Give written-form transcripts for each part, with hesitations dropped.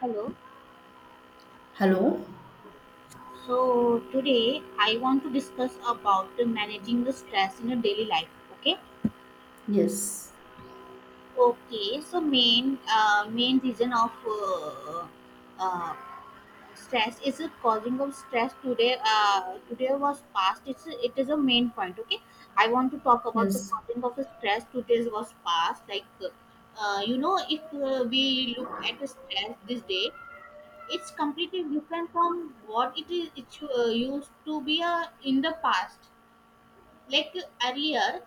Hello. Hello? So today I want to discuss about the managing the stress in a daily life. Okay. Yes, Okay. So main reason of uh, stress is the causing of stress today. Today was past. It is a main point. Okay. I want to talk about the yes, causing of the stress. Today was past. Like if we look at the stress this day, it's completely different from what it is it used to be in the past, like earlier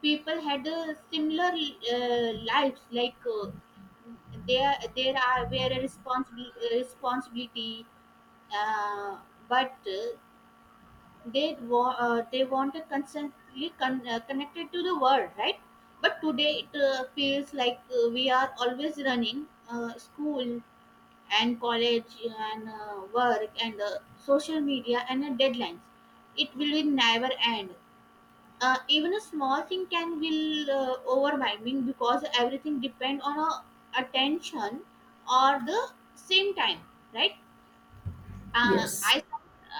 people had similar lives, like there are were a responsible responsibility, uh, but they want to constantly connected to the world, right? But today it feels like we are always running, school and college and work and social media and deadlines. It will be never end. Even a small thing can be overwhelming because everything depend on attention or the same time, right? uh, yes, I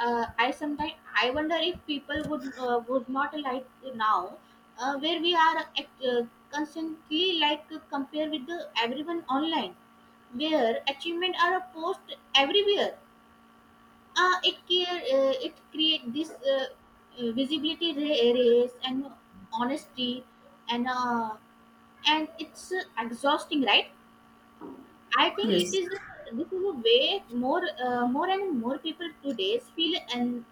uh, I sometimes I wonder if people would not like now, where we are constantly like compare with the everyone online, where achievement are a post everywhere. It create this visibility race and honesty and it's exhausting, right? I think it yes, is this is a way more and more people today feel and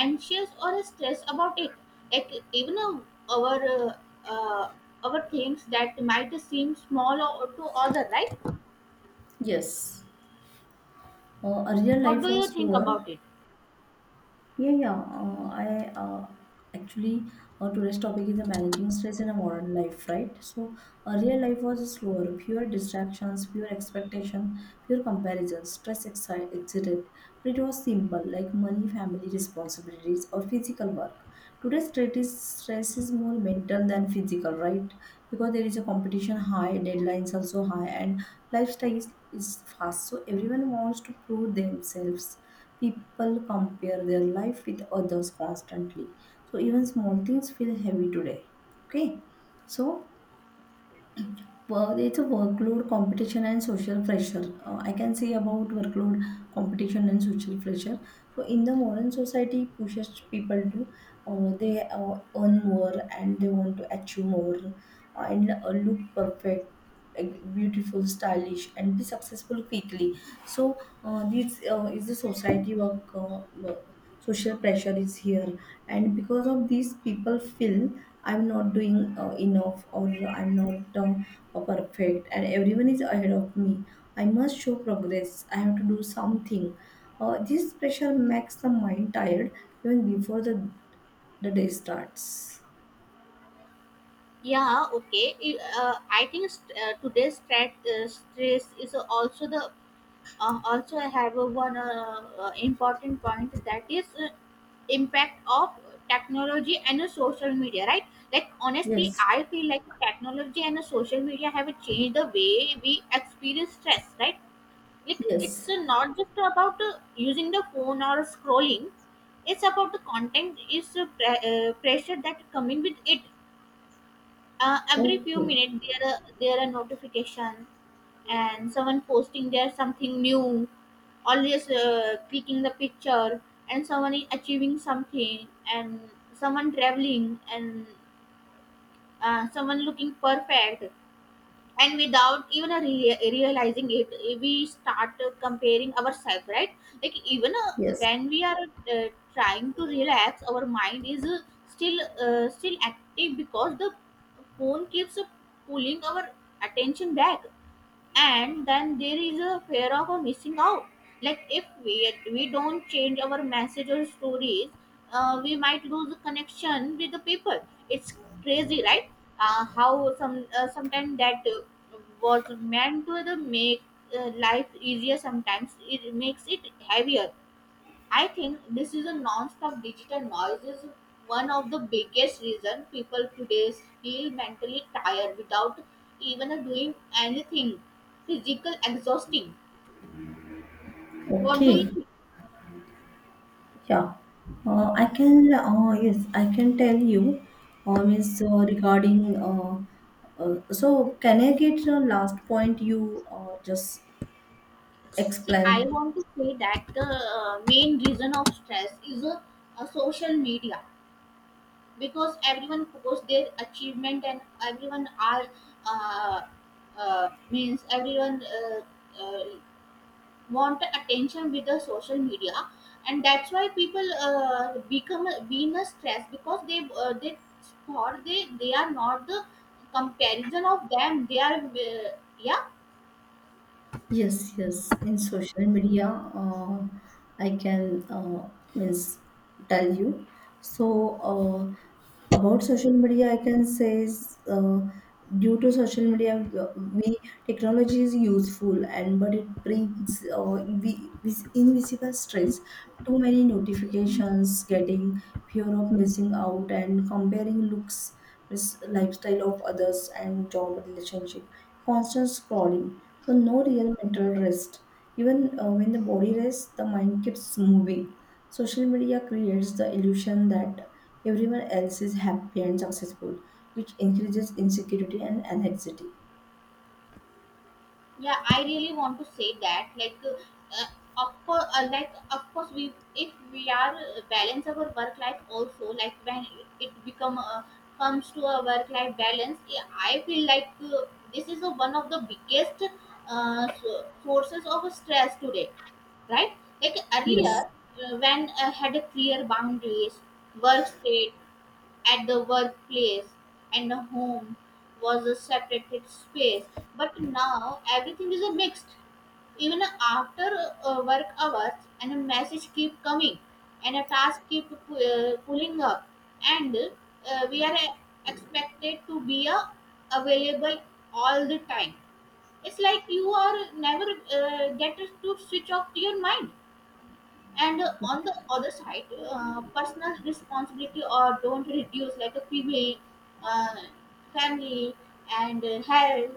anxious or stressed about it, like even our, uh, uh, our things that might seem small or to other, right? yes. Earlier What life do you was think about slower, it? Yeah, yeah. I actually our today's topic is the managing stress in a modern life, right? So earlier life was slower, pure distractions, pure expectation, pure comparisons. Stress existed, but it was simple, like money, family responsibilities, or physical work. Today's stress is more mental than physical, right? Because there is a competition high, deadlines also high, and lifestyle is fast. So everyone wants to prove themselves. People compare their life with others constantly. So even small things feel heavy today. Okay. So well, it's a workload competition and social pressure. I can say about workload competition and social pressure. So in the modern society, pushes people to they earn more and they want to achieve more and look perfect, like, beautiful, stylish, and be successful quickly. So this is the society work. Social pressure is here, and because of this people feel I'm not doing enough or I'm not perfect and everyone is ahead of me. I must show progress. I have to do something. This pressure makes the mind tired even before the day starts. Yeah, okay. I think today's stress is also the also have a one important point, that is impact of technology and social media, right? Like honestly Yes. I feel like technology and social media have changed the way we experience stress, right? Like it's Yes. Not just about using the phone or scrolling, it's about the content is pressure that coming with it. Every few Okay. minutes there are notification and someone posting there something new, always clicking the picture, and someone is achieving something and someone traveling and someone looking perfect, and without even a realizing it we start comparing ourselves, right? Like even Yes. when we are uh, trying to relax, our mind is still active because the phone keeps pulling our attention back, and then there is a fear of a missing out. Like if we don't change our message or stories, we might lose the connection with the people. It's crazy, right? How sometimes that was meant to the make life easier, sometimes it makes it heavier. I think this is a non-stop digital noise is one of the biggest reason people today feel mentally tired without even doing anything physical exhausting. What do you Okay. think? Yeah. Yes, I can tell you, means regarding, so can I get the last point you just See, I explain. want to say that the main reason of stress is a social media, because everyone posts their achievement and everyone are uh, means everyone uh, want attention with the social media, and that's why people become being a stress because they thought they are not the comparison of them, they are yeah. Yes, yes, in social media, uh, I can means tell you. So about social media I can say is, due to social media, we, technology is useful and but it brings invisible stress, too many notifications getting, fear of missing out and comparing looks, means lifestyle of others and job relationship, constant scrolling. So no real mental rest. Even when the body rests, the mind keeps moving. Social media creates the illusion that everyone else is happy and successful, which increases insecurity and anxiety. Yeah, I really want to say that, like of course of course we, if we are balance our work life also, like when it become comes to a work life balance, yeah, I feel like this is a one of the biggest sources of stress today, right? Like earlier, yes when I had a clear boundaries, work state at the workplace and the home was a separated space, but now everything is a mixed. Even after work hours, and a message keep coming and a task keep pulling up, and we are expected to be available all the time. It's like you are never get to switch off your mind. And on the other side, personal responsibility or don't reduce, like a pv, uh, family and health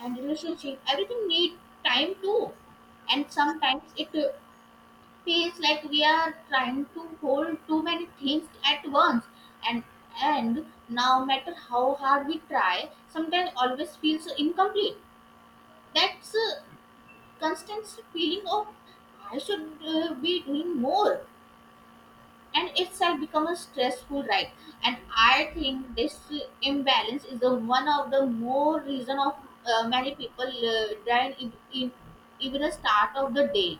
and relationship, everything need time too. And sometimes it feels like we are trying to hold too many things at once, and now matter how hard we try, sometimes always feels incomplete. That's a constant feeling of I should be doing more, and itself has become a stressful, right? And I think this imbalance is the one of the more reason of many people dying in even the start of the day.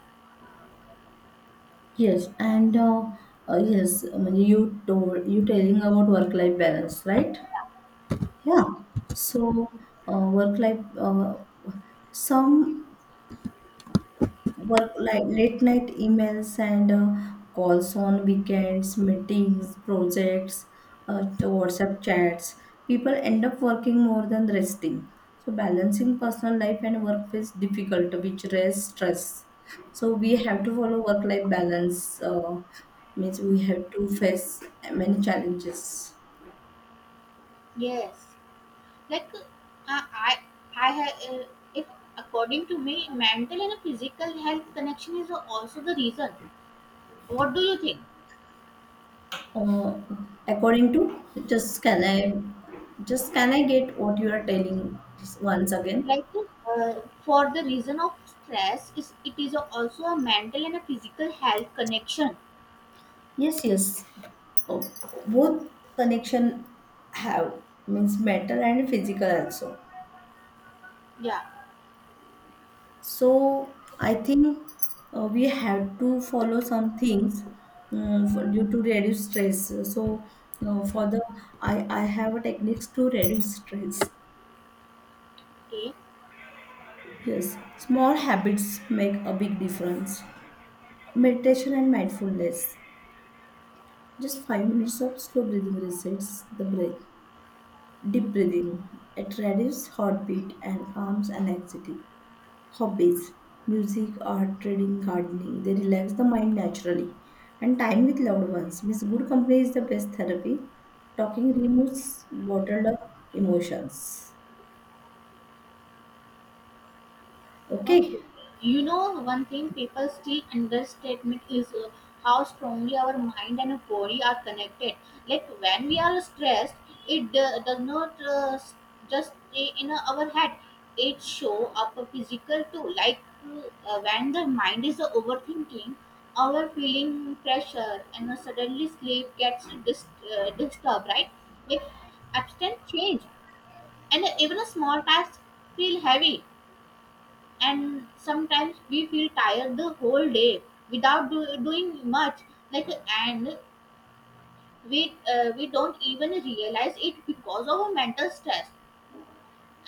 yes And yes, I mean, you telling about work life balance, right? Yeah. So work life some work like late night emails and calls on weekends, meetings, projects, WhatsApp chats. People end up working more than resting. So balancing personal life and work is difficult, which raises stress. So we have to follow work-life balance. Means we have to face many challenges. Yes. Like i I have if according to me, mental and physical health connection is also the reason. What do you think? Uh, According to, just can I get what you are telling just once again? Like uh, for the reason of stress is, it is also a mental and a physical health connection. Yes, yes. Oh, both connection have means mental and physical also. Yeah. So I think we have to follow some things for, due to reduce stress. So for the I have a techniques to reduce stress. Okay. Yes, small habits make a big difference. Meditation and mindfulness. Just 5 minutes of slow breathing resets the brain. Deep Okay. breathing. It reduces heartbeat and calms anxiety. Hobbies. Music, art, reading, gardening. They relax the mind naturally. And time with loved ones. With good company is the best therapy. Talking removes bottled up emotions. Okay. Okay. You know, one thing people still understatement is how strongly our mind and body are connected. Like when we are stressed, it does not just stay in our head. It show up physical too. Like when the mind is overthinking, our feeling pressure and suddenly sleep gets disturbed, right? Like absent change, and even a small task feel heavy, and sometimes we feel tired the whole day without doing much. Like, and we don't even realize it because of our mental stress.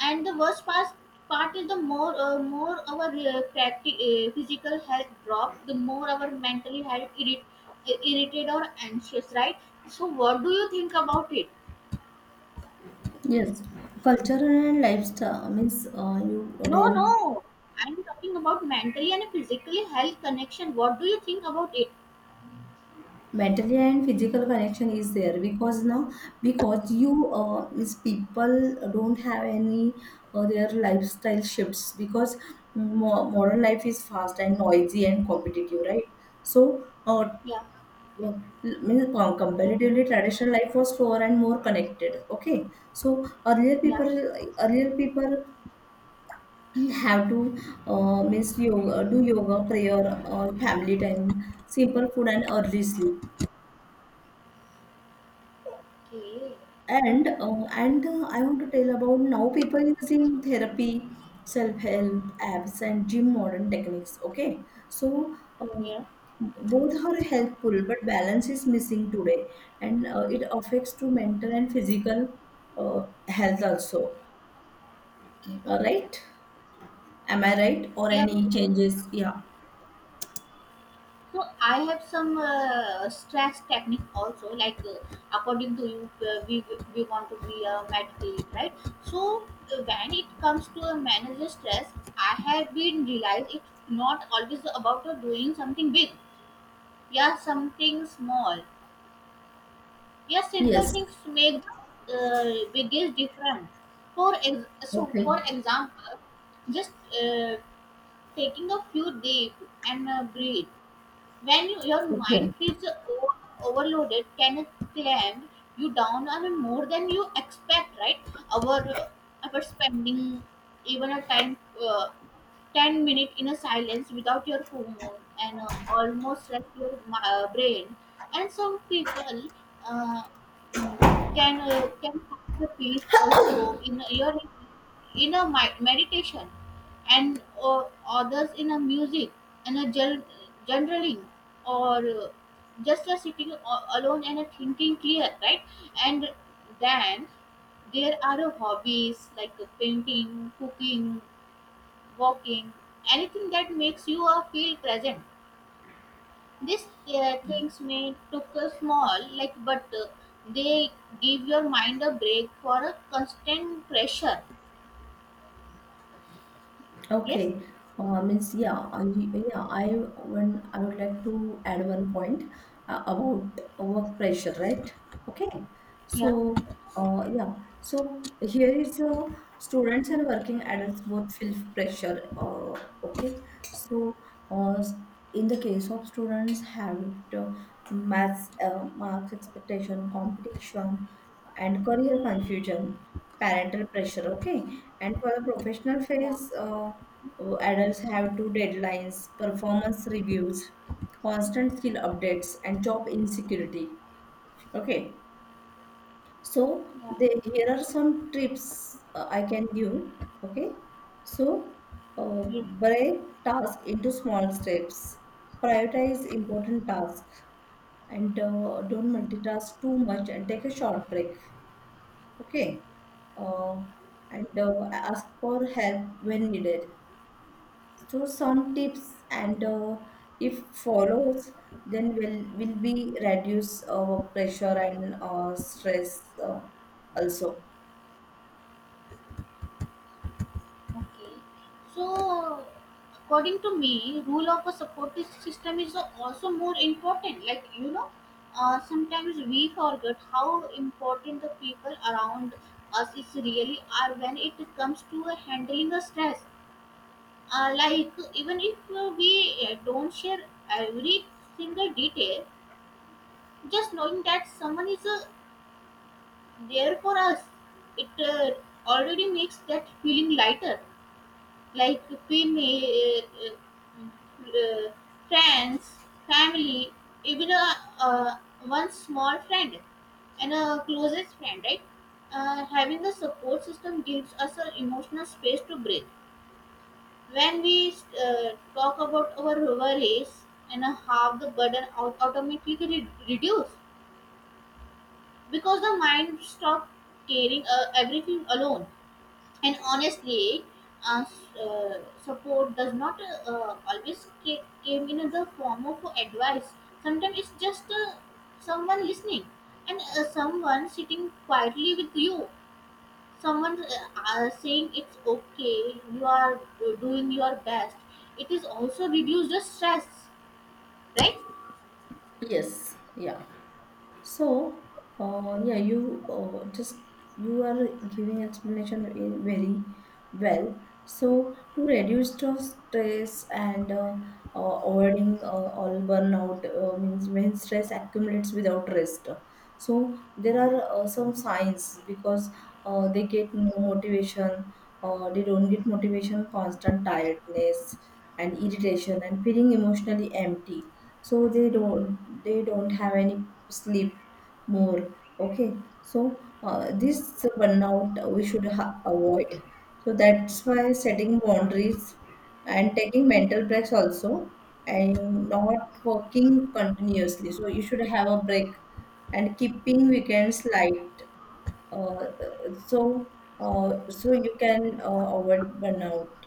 And the worst part is, the more our physical health drop, the more our mental health irritated or anxious, right? So what do you think about it? Yes. Culture and lifestyle means you No, no, real I'm talking about mentally and physically health connection. What do you think about it? mentally and physical connection is there because now because you means people don't have any their lifestyle shifts because modern life is fast and noisy and competitive, right? So Yeah, well, means comparatively traditional life was slower and more connected. Okay, so earlier yeah. people earlier people have to means yoga do yoga, prayer, family time, simple food and early sleep. Okay. And I want to tell about now people using therapy, self-help apps, and gym modern techniques. Okay, so uh, Yeah. both are helpful, but balance is missing today, and it affects to mental and physical health also. All right, am I right? Or Yeah. any changes? Yeah. So I have some stress technique also. Like according to you, we want to be a medical, right? So when it comes to a manager stress, I have been realized it's not always about doing something big. Yeah, something small. Yeah, simple Yes. things make the biggest difference. For ex- so Okay. for example, just taking a few deep and breathe. When your mind Okay. feels overloaded, can it clamp you down on more than you expect, right? Our, uh, our spending even a time, 10 minutes in a silence without your phone, and almost like your brain. And some people uh, mm, can find the peace also in your in a meditation, and others in a music and a generaling, or just a sitting alone and a thinking clear, right? And then there are a hobbies, like a painting, cooking, walking, anything that makes you feel present. These things may look small, like, but they give your mind a break for a constant pressure. Yes. Okay. Means yeah. I When I would like to add one point about work pressure, right? Okay. Yeah, So yeah. So here is students and working adults both feel pressure. Okay. So uh, in the case of students have to maths marks expectation competition and career confusion, parental pressure, okay? And for the professional yeah, phase, adults have two deadlines, performance reviews, constant skill updates, and job insecurity, okay? So yeah. they, here are some tips I can give, okay? So uh, Yeah. break task into small steps, prioritize important tasks, and don't multitask too much and take a short break, okay? Uh, and uh, ask for help when needed. So some tips, and if follows, then will be reduce pressure and stress also. Okay. So, according to me, rule of a supportive system is also more important. Like, sometimes we forget how important the people around us is really are when it comes to handling a stress. Like, even if we don't share every single detail, just knowing that someone is there for us, it already makes that feeling lighter. Like Pliny, uh, friends, family, even a one small friend and a closest friend, right? Having the support system gives us an emotional space to breathe. When we talk about our worries, and how the burden automatically reduce, because the mind stops carrying everything alone. And honestly, support does not always came in the form of advice. Sometimes it's just someone listening, and someone sitting quietly with you, someone saying it's okay, you are doing your best. It is also reduce the stress, right? Yes, yeah. So, yeah, you just, you are giving explanation in very well. So to reduce the stress and avoiding all burnout means when stress accumulates without rest. So there are some signs because uh, they get no motivation, they don't get motivation, constant tiredness and irritation and feeling emotionally empty, so they don't have any sleep more. Okay, so this burnout we should avoid. So that's why setting boundaries and taking mental breaks also, and not working continuously, so you should have a break and keeping weekends light, uh, so so you can avoid burnout.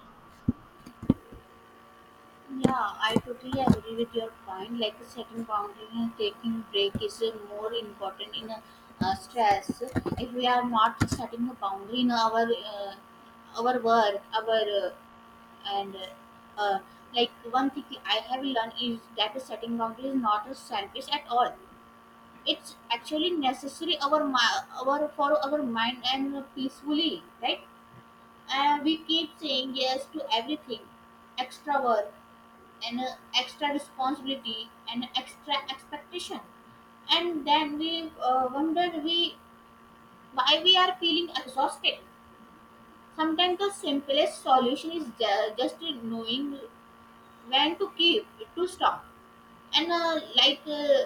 Yeah, I totally agree with your point. Like setting boundaries and taking break is more important in stress. If we are not setting a boundary in our work, our and uh, like, one thing I have learned is that setting boundaries is not a selfish at all. It's actually necessary our mi- our for our mind and peacefully, right? We keep saying yes to everything, extra work and extra responsibility and extra expectation, and then we wonder we why we are feeling exhausted. Sometimes the simplest solution is just knowing when to keep, to stop, and uh, like uh,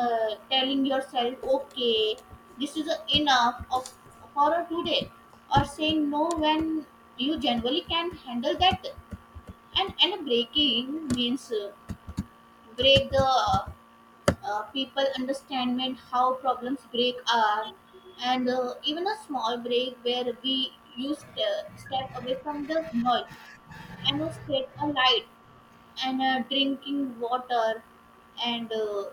uh, telling yourself, okay, this is enough of for today, or saying no when you generally can handle that. And breaking means, break the, people understand when how problems break are. And even a small break where we step away from the noise and set a light and drinking water and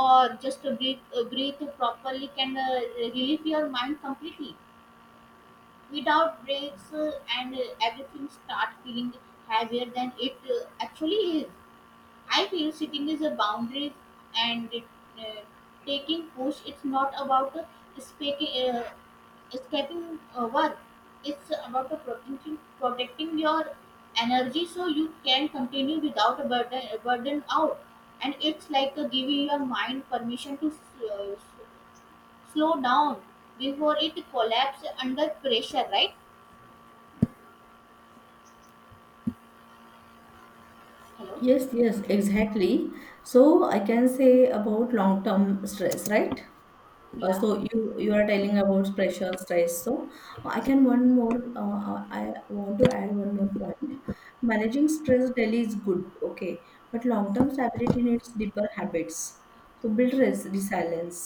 or just a breathe, breathe properly can relieve your mind completely. Without breaks, and everything start feeling heavier than it actually is. I feel sitting is a boundary and uh, taking push. It's not about speaking, escaping work. It's about protecting your energy so you can continue without a burden, a burden out. And it's like giving your mind permission to slow down before it collapses under pressure, right? Hello? Yes, yes, exactly. So I can say about long term stress, right? Yeah. So you are telling about pressure, stress. So I can one more. I want to add one more point. Managing stress daily is good, okay, but long term stability needs deeper habits. So build resilience.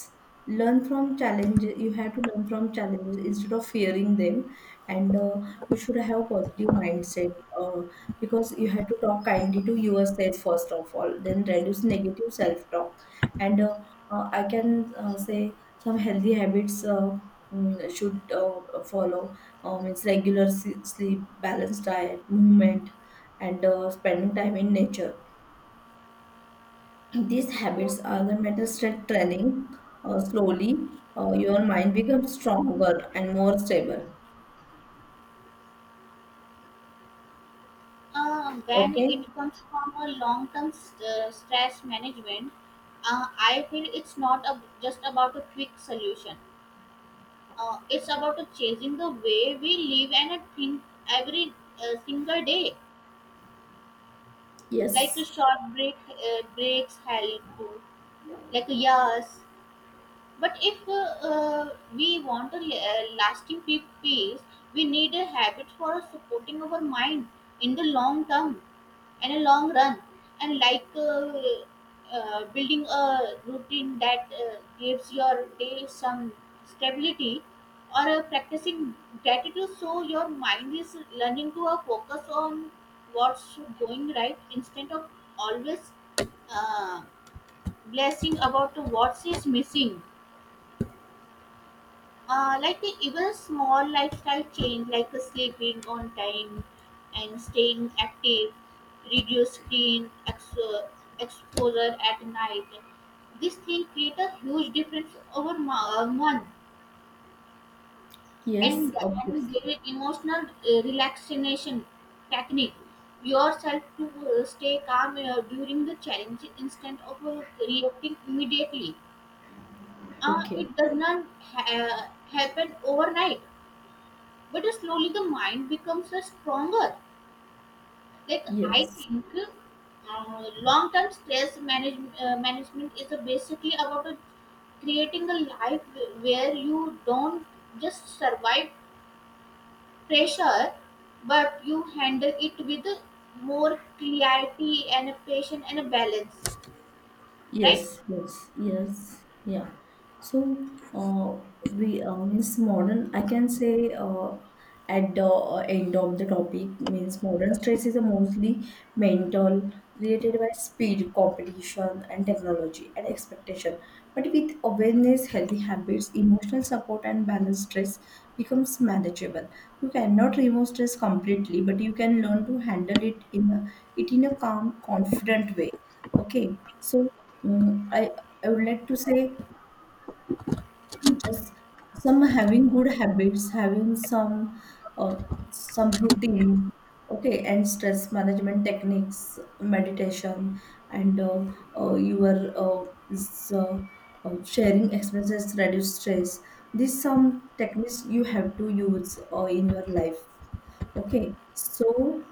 Learn from challenges. You have to learn from challenges instead of fearing them, and you should have a positive mindset uh, because you have to talk kindly to yourself first of all. Then reduce negative self talk, and I can say some healthy habits should follow. It's regular sleep, balanced diet, movement, and spending time in nature. These Okay. habits are the mental strength training. Slowly your mind becomes stronger and more stable. When Okay. it comes from a long-term stress management, I feel it's not a, just about a quick solution. It's about a changing the way we live and think every single day. Like a Yes, short break, breaks help. Like, yes. But if we want a a lasting peace, we need a habit for supporting our mind in the long term and a long run, and like building a routine that gives your day some stability, or practicing gratitude so your mind is learning to focus on what's going right instead of always uh, blessing about what's is missing. Like even a small lifestyle change like a sleeping on time and staying active, reduce screen exposure at night. This thing create a huge difference over month. yes, And obviously. their emotional relaxation technique, yourself to stay calm during the challenge instead of reacting immediately. Okay. It does not happen overnight, but slowly the mind becomes a stronger. Like, I Yes. think, long-term stress management is a basically about a creating a life where you don't just survive pressure, but you handle it with more clarity and a patience and a balance, right? Yes, yes, yes, yeah. So, we means modern, I can say, at the end of the topic, means modern stress is a mostly mental, created by speed, competition, and technology and expectation. But with awareness, healthy habits, emotional support, and balanced stress becomes manageable. You cannot remove stress completely, but you can learn to handle it in a calm, confident way. Okay. So, mm, I I would like to say just some having good habits, having uh, some routine, okay, and stress management techniques, meditation, and uh, your uh, s- uh, sharing expenses reduce stress. These some techniques you have to use in your life. Okay, so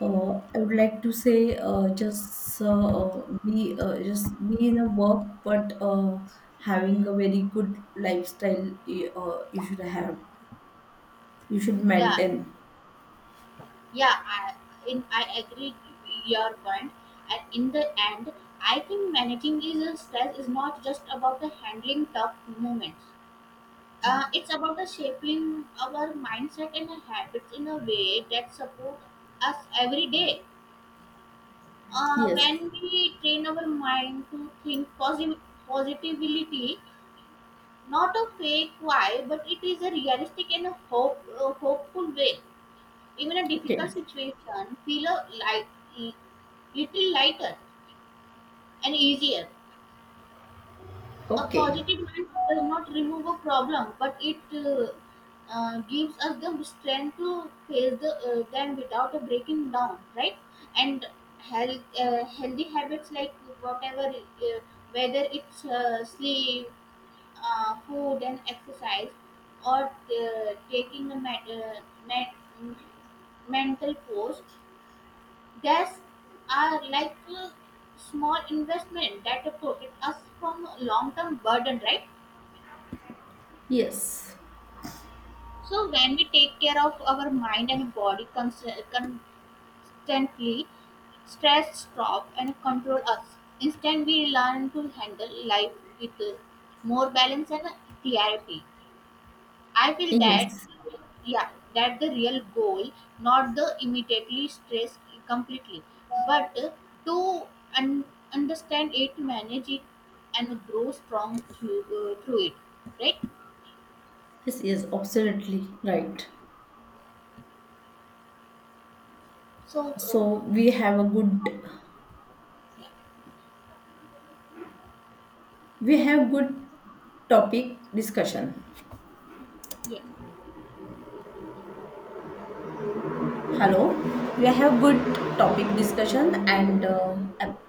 I would like to say just be in a work, but having a very good lifestyle. You should have. You should Yeah. maintain. Yeah, I, I agree your point. And in the end, I think managing is a stress is not just about the handling tough moments. It's about the shaping our mindset and our habits in a way that support us every day. Yes. When we train our mind to think positively, not a fake why, but it is a realistic and a a hopeful way. Even a difficult Okay. situation feel a light, little lighter and easier. A Okay. positive mind does not remove a problem, but it gives us the strength to face them without a breaking down, right? And healthy habits like, whatever, whether it's sleep, food, and exercise, or taking a med- mental pose gas, are like a small investment that protect us from long-term burden, right? Yes. So when we take care of our mind and body constantly, stress stop and control us. Instead, we learn to handle life with more balance and clarity. I feel that, Yes. yeah, that the real goal, not the immediately stress completely, but to un- understand it, manage it, and grow strong through, through it, right? Yes. Yes. Absolutely right. So, So we have a good. yeah, We have good topic discussion. yeah. Hello. We have good topic discussion and app-